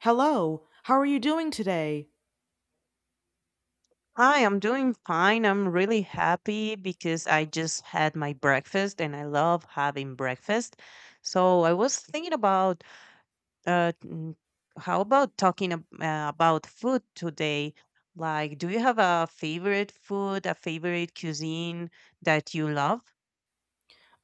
Hello, how are you doing today? Hi, I'm doing fine. I'm really happy because I just had my breakfast and I love having breakfast. So I was thinking about uh, mm, how about talking about food today? Like, do you have a favorite food, a favorite cuisine that you love?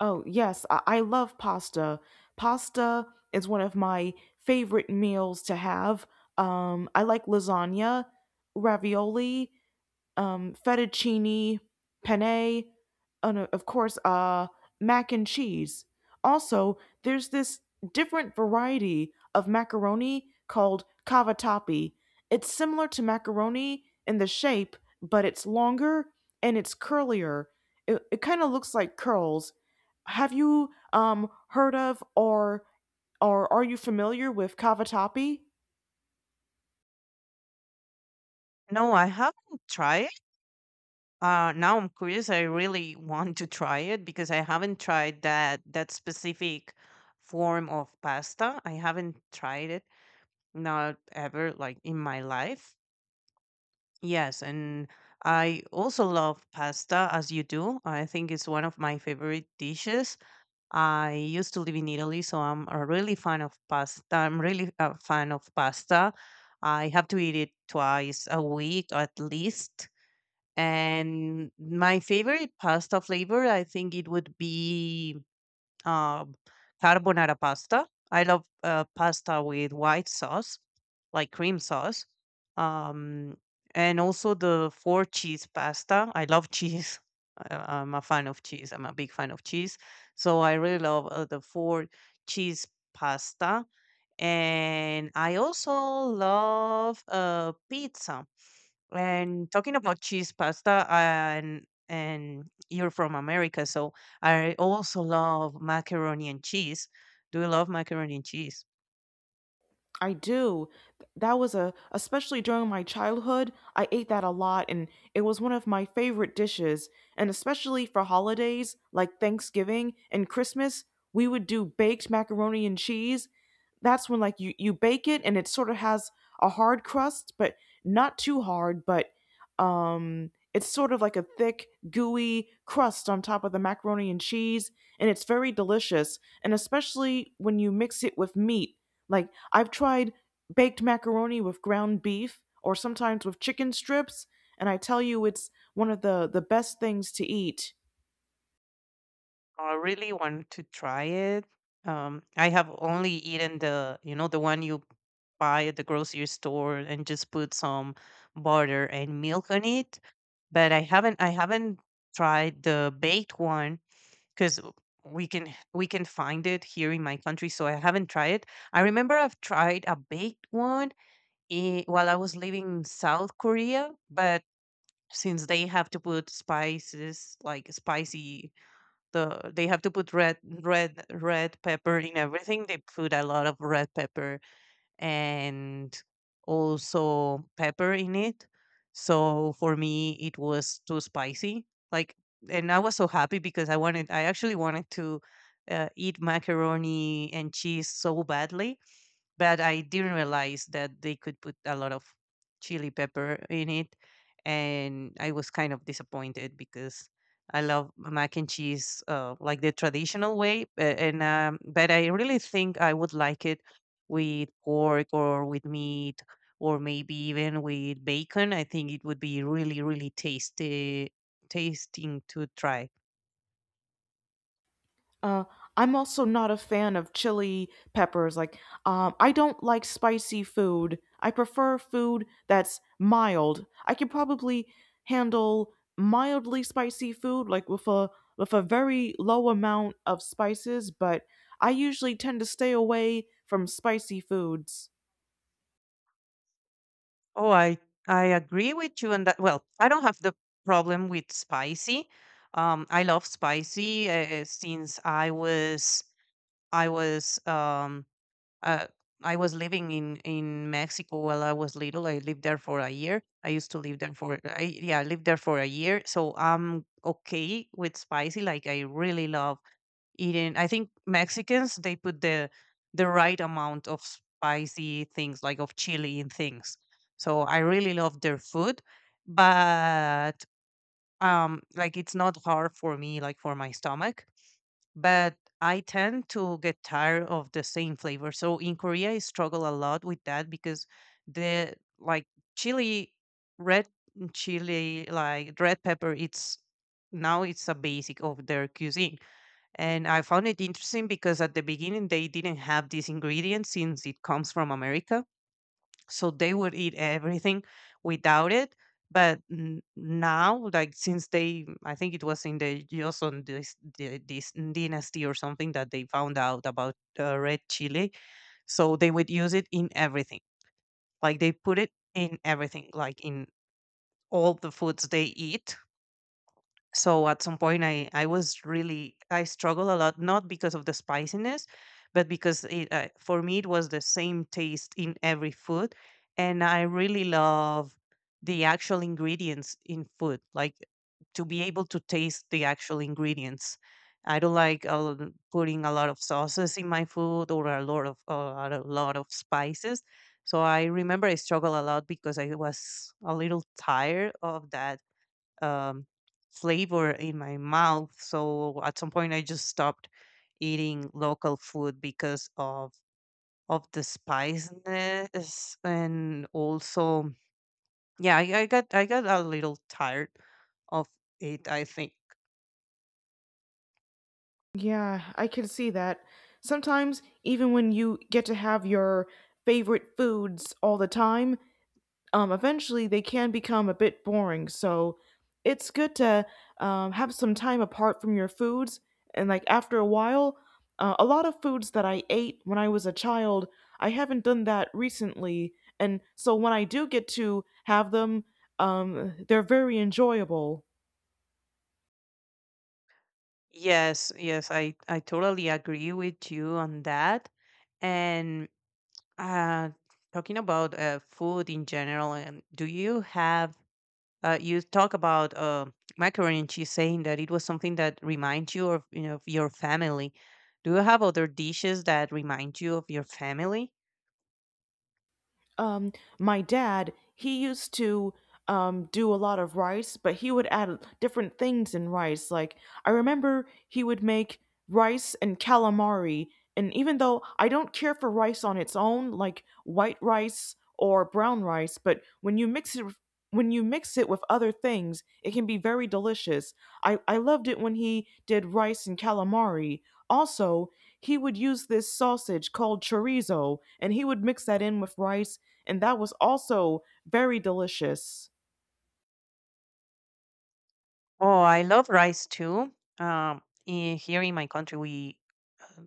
Oh, yes, I love pasta. Pasta is one of my favorite meals to have. I like lasagna, ravioli, fettuccine penne, and of course, mac and cheese. Also, there's this different variety of macaroni called cavatappi. It's similar to macaroni in the shape, but it's longer and it's curlier. It kind of looks like curls. Have you heard of or are you familiar with cavatappi? No, I haven't tried it. Now I'm curious. I really want to try it because I haven't tried that specific form of pasta. I haven't tried it. Not ever, like in my life. Yes, and I also love pasta as you do. I think it's one of my favorite dishes. I used to live in Italy, so I'm a really fan of pasta. I'm really a fan of pasta. I have to eat it twice a week at least. And my favorite pasta flavor, I think it would be um, carbonara pasta. I love pasta with white sauce, like cream sauce, um, and also the four cheese pasta. I love cheese. I'm a fan of cheese. I'm a big fan of cheese, so I really love the four cheese pasta. And I also love pizza. And talking about cheese pasta, and you're from America, so I also love macaroni and cheese. Do you love macaroni and cheese? I do. Especially during my childhood, I ate that a lot, and it was one of my favorite dishes. And especially for holidays like Thanksgiving and Christmas, we would do baked macaroni and cheese. That's when like you bake it and it sort of has a hard crust, but not too hard, but it's sort of like a thick, gooey crust on top of the macaroni and cheese, and it's very delicious. And especially when you mix it with meat. Like, I've tried baked macaroni with ground beef or sometimes with chicken strips, and I tell you, it's one of the best things to eat. I really want to try it. I have only eaten the one you buy at the grocery store and just put some butter and milk on it, but I haven't tried the baked one because we can find it here in my country, so I haven't tried it. I remember I've tried a baked one while I was living in South Korea, but since they have to put spices, like spicy, they have to put red pepper in everything, they put a lot of red pepper and also pepper in it. So for me, it was too spicy. Like, and I was so happy because I wanted, I actually wanted to eat macaroni and cheese so badly, but I didn't realize that they could put a lot of chili pepper in it, and I was kind of disappointed because I love mac and cheese, like the traditional way. A- And but I really think I would like it with pork or with meat or maybe even with bacon. I think it would be really, really tasty, tasting to try. Uh, I'm also not a fan of chili peppers. Like, I don't like spicy food. I prefer food that's mild. I can probably handle mildly spicy food, like with a very low amount of spices. But I usually tend to stay away from spicy foods. Oh, I agree with you on that. Well, I don't have the problem with spicy. I love spicy since I was um uh, I was living in Mexico while I was little. I lived there for a year. I used to live there for I, yeah, I lived there for a year. So I'm okay with spicy. Like I really love eating. I think Mexicans they put the right amount of spicy things, like of chili and things. So I really love their food, but like it's not hard for me, like for my stomach. But I tend to get tired of the same flavor. So in Korea, I struggle a lot with that because the like chili, red chili, like red pepper. It's now it's a basic of their cuisine, and I found it interesting because at the beginning they didn't have these ingredients since it comes from America. So they would eat everything without it. But now, like since they, I think it was in the Joseon dynasty or something that they found out about red chili. So they would use it in everything. Like they put it in everything, like in all the foods they eat. So at some point, I was really I struggled a lot not because of the spiciness, but because it for me it was the same taste in every food. And I really love the actual ingredients in food, like to be able to taste the actual ingredients. I don't like putting a lot of sauces in my food or a lot of spices. So I remember I struggled a lot because I was a little tired of that um, flavor in my mouth. So at some point, I just stopped eating local food because of the spiciness, and also, yeah, I got a little tired of it, I think. Yeah, I can see that. Sometimes, even when you get to have your favorite foods all the time, eventually they can become a bit boring. So it's good to have some time apart from your foods. And like after a while, a lot of foods that I ate when I was a child, I haven't done that recently. And so when I do get to have them, they're very enjoyable. Yes, yes, I totally agree with you on that. And uh talking about food in general, and do you have. You talk about macaroni and cheese, saying that it was something that reminds you of your family. Do you have other dishes that remind you of your family? Um, my dad, he used to do a lot of rice, but he would add different things in rice. Like I remember he would make rice and calamari, and even though I don't care for rice on its own, like white rice or brown rice, but when you mix it with other things, it can be very delicious. I loved it when he did rice and calamari. Also, he would use this sausage called chorizo, and he would mix that in with rice, and that was also very delicious. Oh, I love rice too. Here in my country, we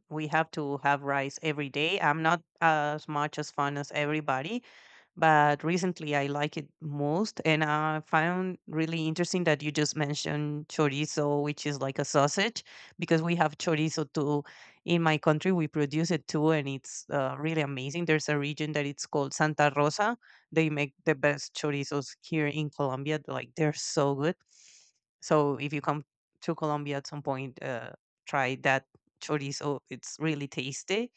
we have to have rice every day. I'm not as much as fun as everybody, but recently I like it most. And I found really interesting that you just mentioned chorizo, which is like a sausage, because we have chorizo too in my country. We produce it too, and it's really amazing. There's a region that it's called Santa Rosa. They make the best chorizos here in Colombia. Like they're so good. So if you come to Colombia at some point, try that chorizo. It's really tasty.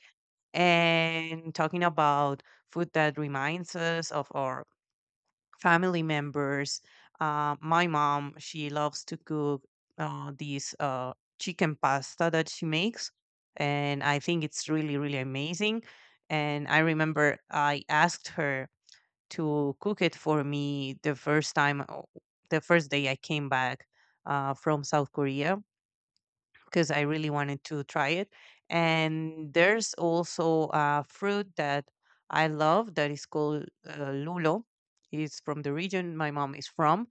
And talking about food that reminds us of our family members, my mom, she loves to cook these chicken pasta that she makes. And I think it's really, really amazing. And I remember I asked her to cook it for me the first time, the first day I came back from South Korea because I really wanted to try it. And there's also a fruit that I love that is called lulo. It's from the region my mom is from.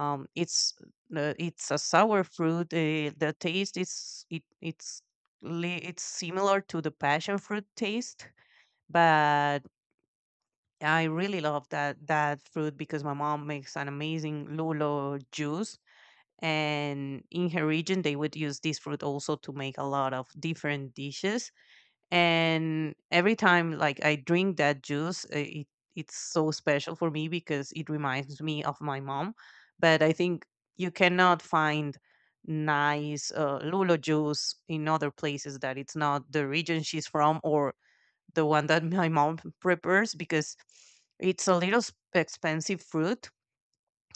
It's it's a sour fruit. The taste is it it's li- it's similar to the passion fruit taste, but I really love that fruit because my mom makes an amazing lulo juice, and in her region they would use this fruit also to make a lot of different dishes. And every time, like, I drink that juice, it's so special for me because it reminds me of my mom. But I think you cannot find nice lulo juice in other places that it's not the region she's from, or the one that my mom prepares, because it's a little expensive fruit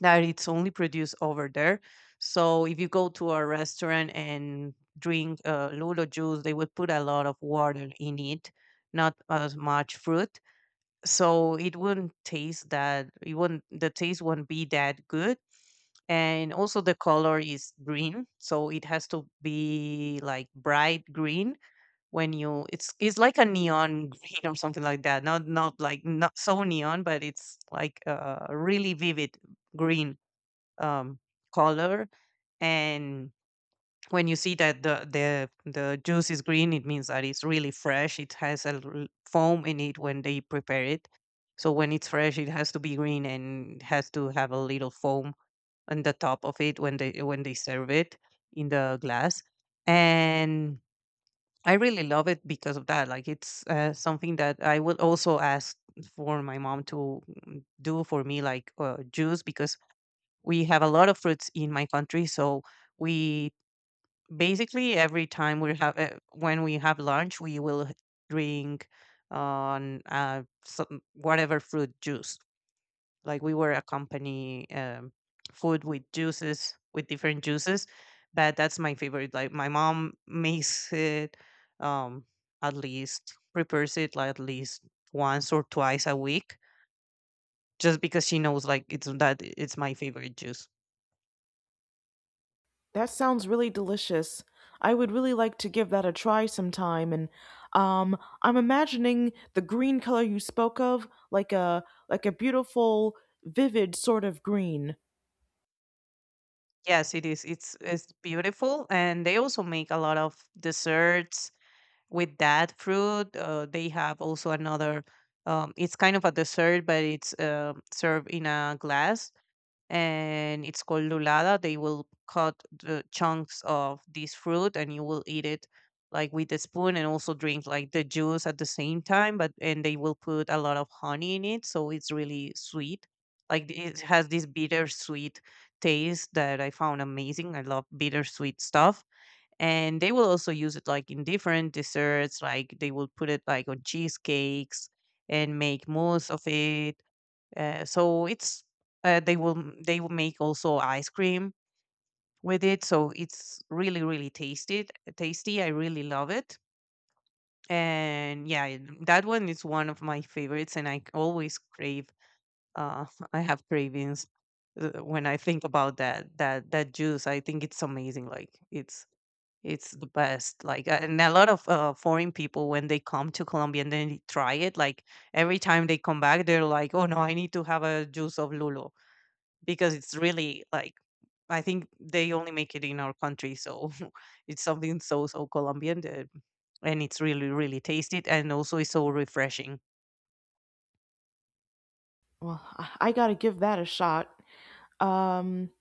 that it's only produced over there. So if you go to a restaurant and drink lulo juice, they would put a lot of water in it, not as much fruit. So it wouldn't taste that. It wouldn't. The taste wouldn't be that good. And also the color is green, so it has to be like bright green when you. It's like a neon green or something like that. Not like not so neon, but it's like really vivid green um, color. And when you see that the juice is green, it means that it's really fresh. It has foam in it when they prepare it. So when it's fresh, it has to be green and has to have a little foam on the top of it when they serve it in the glass. And I really love it because of that, like it's something that I would also ask for my mom to do for me, like juice, because we have a lot of fruits in my country. So we basically every time we have when we have lunch we will drink on some, whatever fruit juice, like we were a company food with juices with different juices. But that's my favorite, like my mom makes it, um, at least prepares it, like at least once or twice a week, just because she knows, like, it's my favorite juice. That sounds really delicious. I would really like to give that a try sometime. And um, I'm imagining the green color you spoke of, like a beautiful, vivid sort of green. Yes, it is. It's beautiful, and they also make a lot of desserts with that fruit. They have also another. It's kind of a dessert, but it's served in a glass, and it's called lulada. They will cut the chunks of this fruit, and you will eat it like with a spoon, and also drink like the juice at the same time. But and they will put a lot of honey in it, so it's really sweet. Like it has this bittersweet taste that I found amazing. I love bittersweet stuff. And they will also use it like in different desserts, like they will put it like on cheesecakes and make mousse of it, so it's, they will make also ice cream with it. So it's really, really tasty. Tasty. I really love it. And yeah, that one is one of my favorites, and I always crave. Uh, I have cravings when I think about that juice. I think it's amazing. It's it's the best. Like and a lot of foreign people when they come to Colombia and then they try it, like every time they come back, they're like, "Oh no, I need to have a juice of lulo," because it's really like I think they only make it in our country, so it's something so Colombian, that, and it's really really tasty and also it's so refreshing. Well, I gotta give that a shot. Um,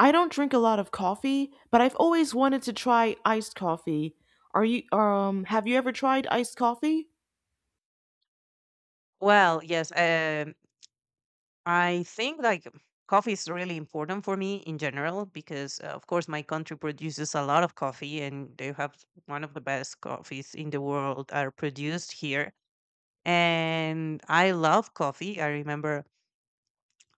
I don't drink a lot of coffee, but I've always wanted to try iced coffee. Are you have you ever tried iced coffee? Well, yes, I think like coffee is really important for me in general because, of course, my country produces a lot of coffee and they have one of the best coffees in the world are produced here. And I love coffee. I remember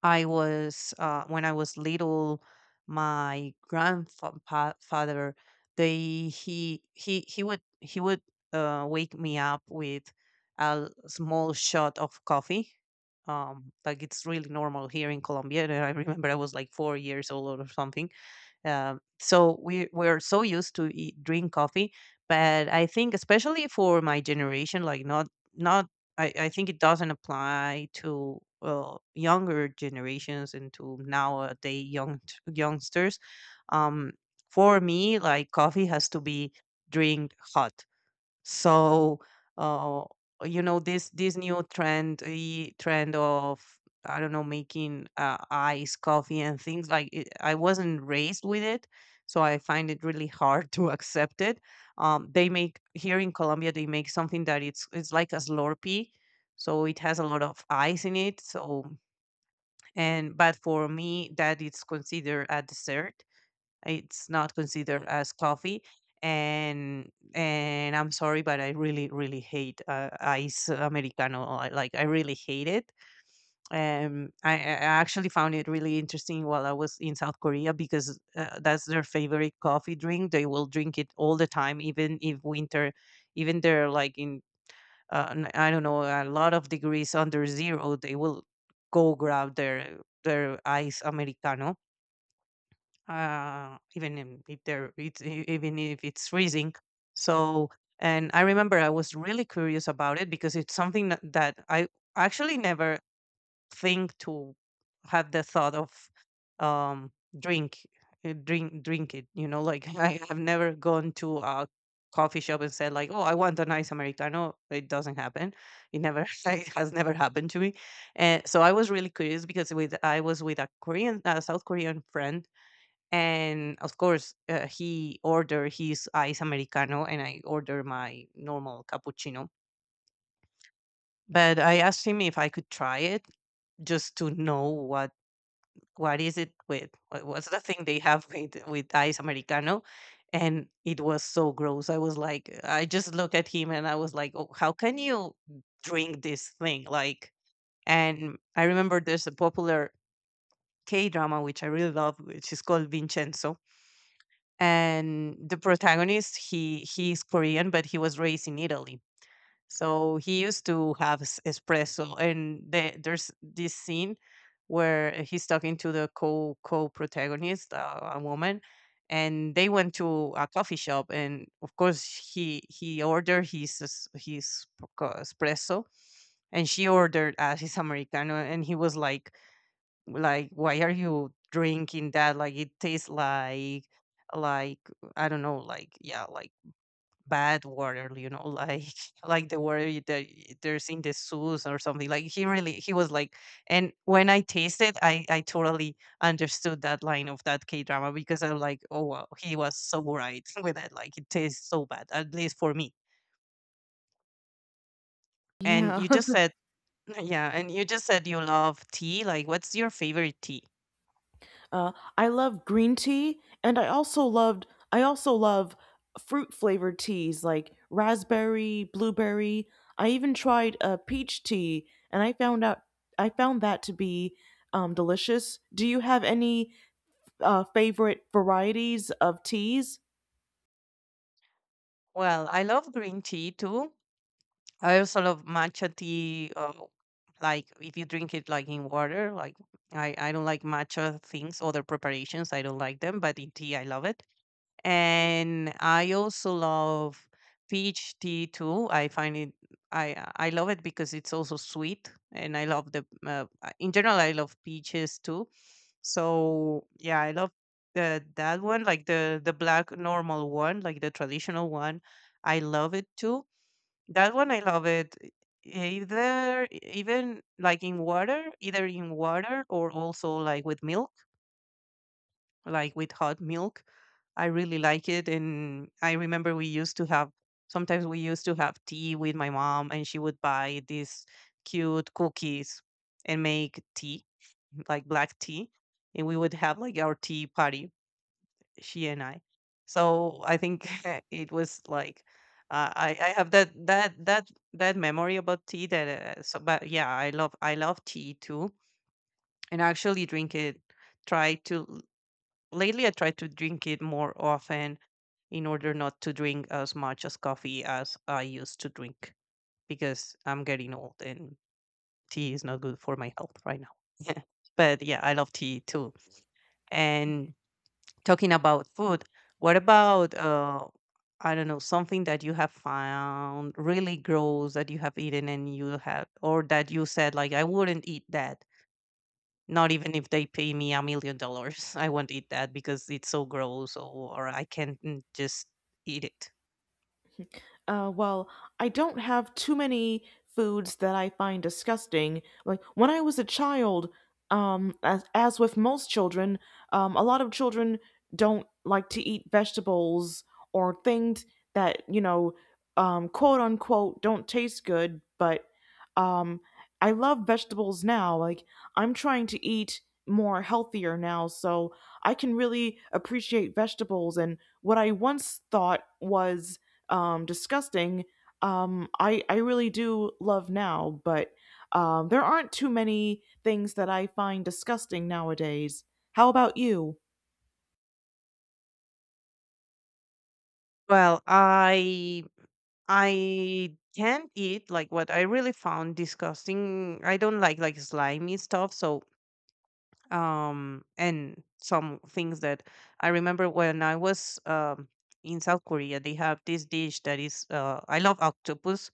I was when I was little, my grandfather they he would wake me up with a small shot of coffee. Like it's really normal here in Colombia. And I remember I was like 4 years old or something, so we're so used to eat, drink coffee, but I think especially for my generation, like not not I think it doesn't apply to younger generations and to nowadays youngsters. Um, for me, like coffee has to be drink hot. So, uh, you know, this new trend, the trend of I don't know, making ice coffee and things like it, I wasn't raised with it, so I find it really hard to accept it. They make here in Colombia, they make something that it's like a Slurpee, so it has a lot of ice in it. So and but for me, that it's considered a dessert, it's not considered as coffee. And I'm sorry, but I really, really hate ice americano. I really hate it. I actually found it really interesting while I was in South Korea because that's their favorite coffee drink. They will drink it all the time, even if winter, even they're like in I don't know a lot of degrees under zero. They will go grab their ice americano, even if it's freezing. So, and I remember I was really curious about it because it's something that I actually never think to have the thought of, um, drink drink it. You know, like I have never gone to a coffee shop and said like, "Oh, I want a nice americano." It doesn't happen. It never it has never happened to me. And so I was really curious because with I was with a Korean, a South Korean friend, and of course he ordered his ice americano and I ordered my normal cappuccino, but I asked him if I could try it, just to know what is it with what's the thing they have with ice americano. And it was so gross. I was like I just looked at him and I was like, oh, how can you drink this thing like? And I remember there's a popular K drama which I really love which is called Vincenzo, and the protagonist, he's Korean but he was raised in Italy, so he used to have espresso. And there's this scene where he's talking to the co co-protagonist, a woman, and they went to a coffee shop, and of course he ordered his espresso, and she ordered his americano, and he was like, why are you drinking that? Like it tastes like, I don't know, like, yeah, like bad water, you know, like like the water there's in the zoos or something. Like he really he was like, and when I tasted, I totally understood that line of that K drama because I'm like, oh wow, he was so right with it. Like it tastes so bad, at least for me. And Yeah. you just said, yeah, and you just said you love tea. Like, what's your favorite tea? Uh, I love green tea, and I also love fruit flavored teas like raspberry, blueberry. I even tried a peach tea, and I found that to be delicious. Do you have any favorite varieties of teas? Well, I love green tea too. I also love matcha tea. Like if you drink it like in water, like I don't like matcha things, other preparations. I don't like them, but in tea, I love it. And I also love peach tea too. I love it because it's also sweet. And I love the, in general, I love peaches too. So yeah, I love that one, like the black normal one, like the traditional one. I love it too. That one I love it. E- Either Even like in water, either in water or also like with milk, like with hot milk. I really like it. And I remember we used to have tea with my mom, and she would buy these cute cookies and make tea, like black tea. And we would have like our tea party, she and I. So I think it was like I have that memory about tea that so. But yeah, I love tea too. And I actually drink it, try to lately I try to drink it more often, in order not to drink as much as coffee as I used to drink, because I'm getting old and tea is not good for my health right now. But yeah, I love tea too. And talking about food, what about, I don't know, something that you have found really gross that you have eaten and you have, or that you said like, I wouldn't eat that. Not even if they pay me $1 million, I won't eat that because it's so gross, or I can't, just eat it. Well, I don't have too many foods that I find disgusting. Like when I was a child, as with most children, a lot of children don't like to eat vegetables or things that, you know, quote unquote, don't taste good. But um, I love vegetables now. Like I'm trying to eat more healthier now, so I can really appreciate vegetables and what I once thought was disgusting, I really do love now, but there aren't too many things that I find disgusting nowadays. How about you? Well, I can't eat like what I really found disgusting. I don't like slimy stuff, so and some things that I remember when I was in South Korea. They have this dish that is I love octopus,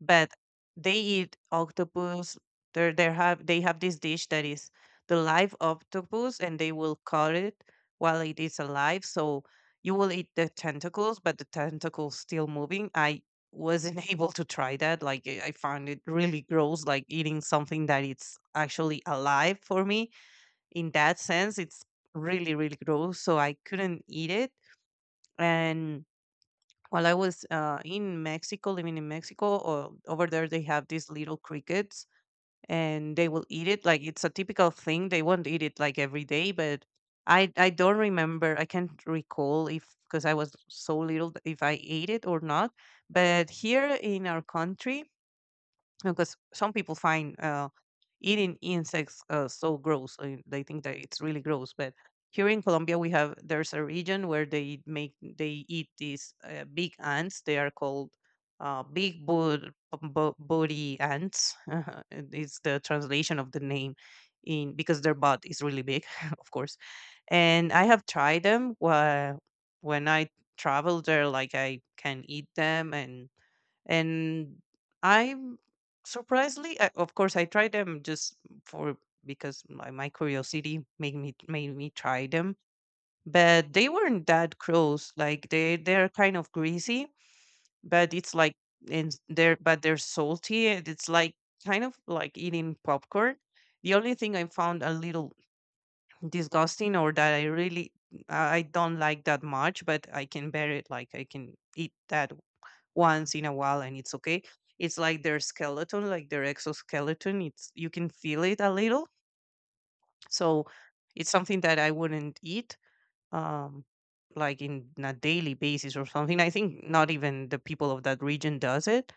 but they eat octopus. They have this dish that is the live octopus, and they will cut it while it is alive. So you will eat the tentacles, but the tentacles still moving. I wasn't able to try that. Like I found it really gross, like eating something that it's actually alive. For me in that sense it's really really gross, so I couldn't eat it. And while I was in Mexico, living in Mexico, or over there they have these little crickets, and they will eat it like it's a typical thing. They won't eat it like every day, but I don't remember, I can't recall if, because I was so little, if I ate it or not. But here in our country, because some people find eating insects so gross, they think that it's really gross. But here in Colombia, we have there's a region where they make they eat these big ants. They are called uh, big bo- body ants, and it's the translation of the name in, because their butt is really big, of course. And I have tried them. When I travel there, like I can eat them, and I'm surprisingly, I, of course, I tried them, just for, because my curiosity made me try them. But they weren't that gross. Like they they're kind of greasy, but it's like, and they're but they're salty, and it's like kind of like eating popcorn. The only thing I found a little disgusting, or that I really I don't like that much, but I can bear it, like I can eat that once in a while and it's okay. It's like their skeleton, like their exoskeleton. It's you can feel it a little. So it's something that I wouldn't eat Um like in a daily basis or something. I think not even the people of that region does it.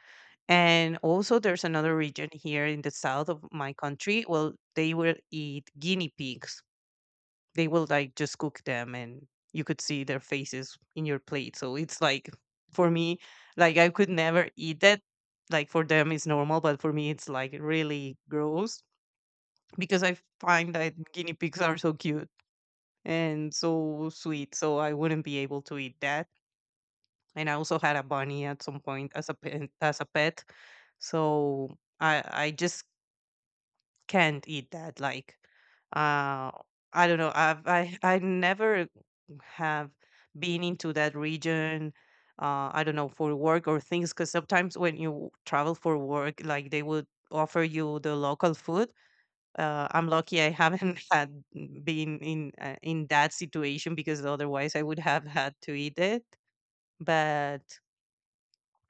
And also there's another region here in the south of my country. Well, they will eat guinea pigs. They will like just cook them, and you could see their faces in your plate, so it's like, for me, like I could never eat that. Like, for them it's normal, but for me it's like really gross, because I find that guinea pigs are so cute and so sweet, so I wouldn't be able to eat that. And I also had a bunny at some point as a pet, so I just can't eat that. Like, uh, I don't know. I've I never have been into that region. I don't know, for work or things. Because sometimes when you travel for work, like they would offer you the local food. I'm lucky I haven't had been in that situation because otherwise I would have had to eat it. But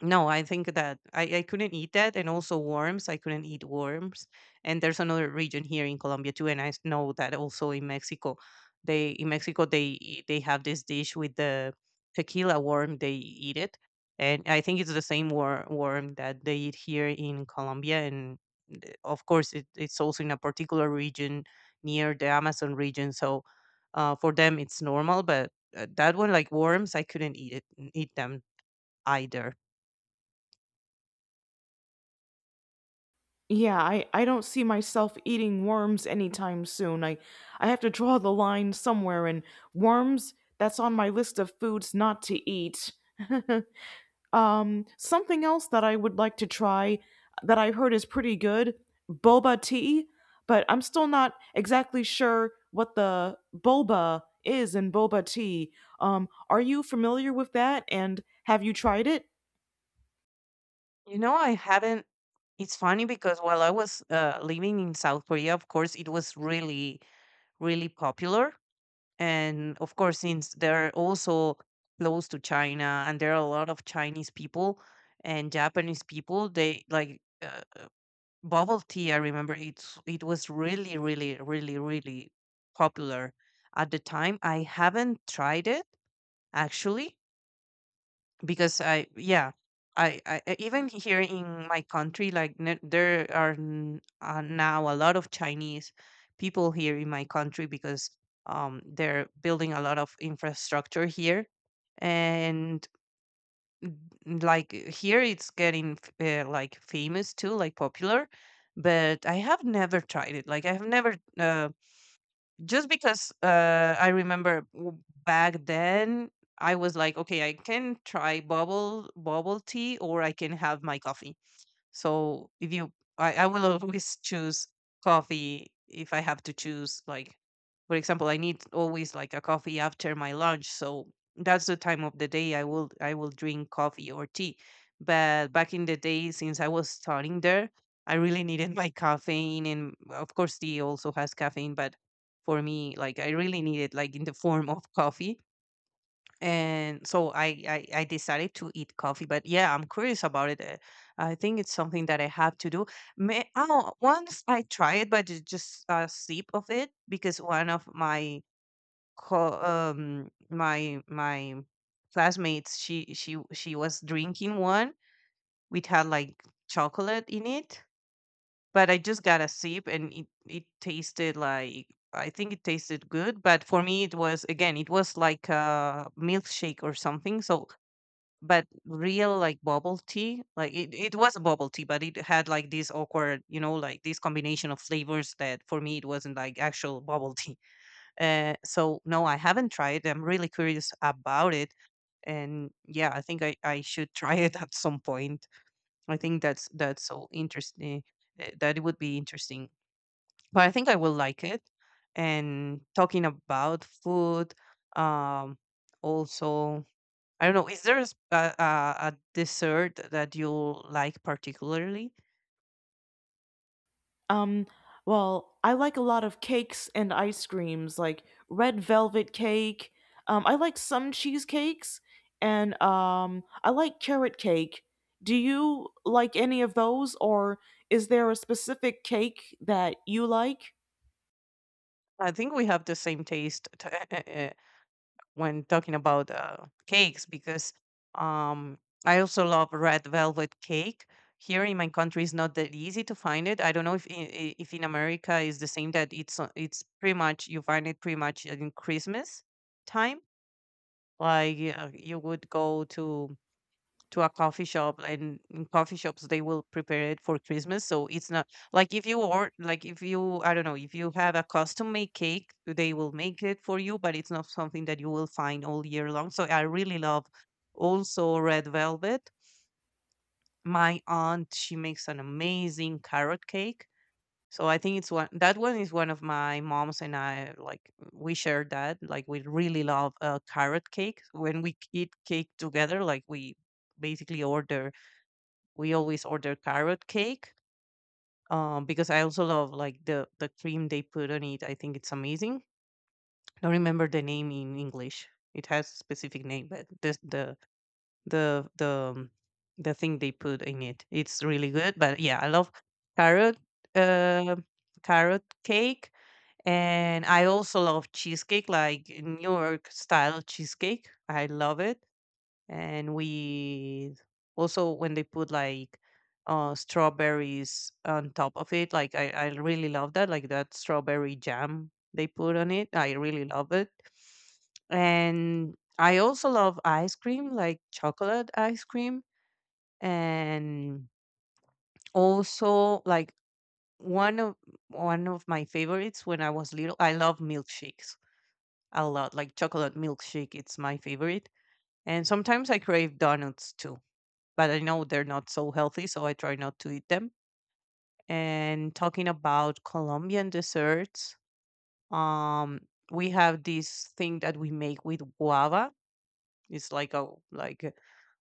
no, I think that I couldn't eat that, and also worms. I couldn't eat worms, and there's another region here in Colombia too, and know that also in Mexico, they they have this dish with the tequila worm. They eat it, and I think it's the same worm that they eat here in Colombia, and of course it's also in a particular region near the Amazon region, so for them it's normal. But that one, like worms, I couldn't eat it, eat them either. Yeah, I don't see myself eating worms anytime soon. I have to draw the line somewhere, and worms, that's on my list of foods not to eat. Something else that I would like to try that I've heard is pretty good boba tea, but I'm still not exactly sure what the boba is in boba tea. Are you familiar with that and have you tried it? You know, I haven't. It's funny because while I was living in South Korea, of course, it was really, really popular. And of course, since they're also close to China and there are a lot of Chinese people and Japanese people, they like bubble tea. I remember it was really, really, really, really popular at the time. I haven't tried it actually because I yeah I- even here in my country there are now a lot of Chinese people here in my country because they're building a lot of infrastructure here and like here it's getting like famous too, like popular, but I have never tried it, like I have never just because I remember back then I was like, okay, I can try bubble tea or I can have my coffee. So if you, I will always choose coffee if I have to choose. Like, for example, I need always like a coffee after my lunch. So that's the time of the day I will drink coffee or tea. But back in the day, since I was studying there, I really needed my caffeine, and of course, tea also has caffeine. But for me, like I really needed like in the form of coffee, and so I decided to eat coffee. But yeah, I'm curious about it. I think it's something that I have to do May, oh, once I try it, but just a sip of it, because one of my my classmates, she was drinking one which had like chocolate in it, but I just got a sip and it tasted like, I think it tasted good, but for me it was, again, it was like a milkshake or something. So but real like bubble tea, like it was a bubble tea but it had like this awkward, you know, like this combination of flavors that for me it wasn't like actual bubble tea. So no, I haven't tried, I'm really curious about it, and yeah, I think I should try it at some point. I think that's so interesting. That it would be interesting, but I think I will like it. And talking about food, um also, I don't know. Is there a, s- a dessert that you like particularly? Um, well, I like a lot of cakes and ice creams, like red velvet cake. I like some cheesecakes, and I like carrot cake. Do you like any of those, or is there a specific cake that you like? I think we have the same taste when talking about cakes, because um, I also love red velvet cake. Here in my country, it's not that easy to find it. I don't know if if in America is the same, that it's pretty much, you find it pretty much in Christmas time. Like you would go to a coffee shop, and in coffee shops they will prepare it for Christmas, so it's not, like, if you, or like, if you, I don't know, if you have a custom made cake they will make it for you, but it's not something that you will find all year long. So I really love also red velvet. My aunt, she makes an amazing carrot cake, so I think it's one that one is one of my mom's, and I like, we share that, like we really love carrot cake. When we eat cake together, like we basically order, we always order carrot cake, because I also love like the cream they put on it. I think it's amazing. Don't remember the name in English. It has a specific name, but this, the the um, the thing they put in it, it's really good. But yeah, I love carrot uh, carrot cake, and I also love cheesecake, like New York style cheesecake. I love it, and with also when they put like strawberries on top of it, like I really love that, like that strawberry jam they put on it, I really love it. And I also love ice cream, like chocolate ice cream. And also like one of one of my favorites when I was little, I love milkshakes a lot, like chocolate milkshake, it's my favorite. And sometimes I crave donuts too, but I know they're not so healthy, so I try not to eat them. And talking about Colombian desserts, um, we have this thing that we make with guava. It's like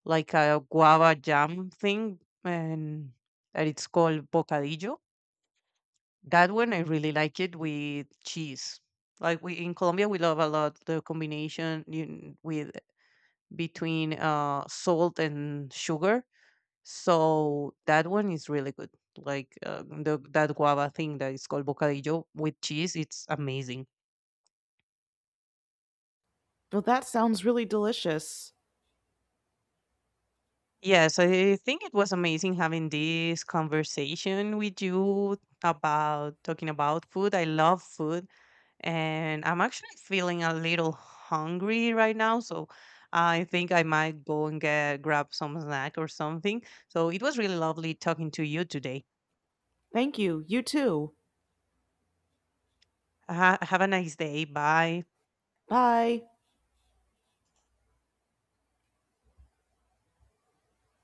like a guava jam thing, and it's called bocadillo. That one I really like it with cheese. Like we in Colombia, we love a lot the combination with between salt and sugar. So that one is really good. Like that guava thing that is called bocadillo with cheese, it's amazing. Well, that sounds really delicious. Yes, I think it was amazing having this conversation with you about talking about food. I love food, and I'm actually feeling a little hungry right now. So I think I might go and get grab some snack or something. So it was really lovely talking to you today. Thank you. You too. Have a nice day. Bye. Bye.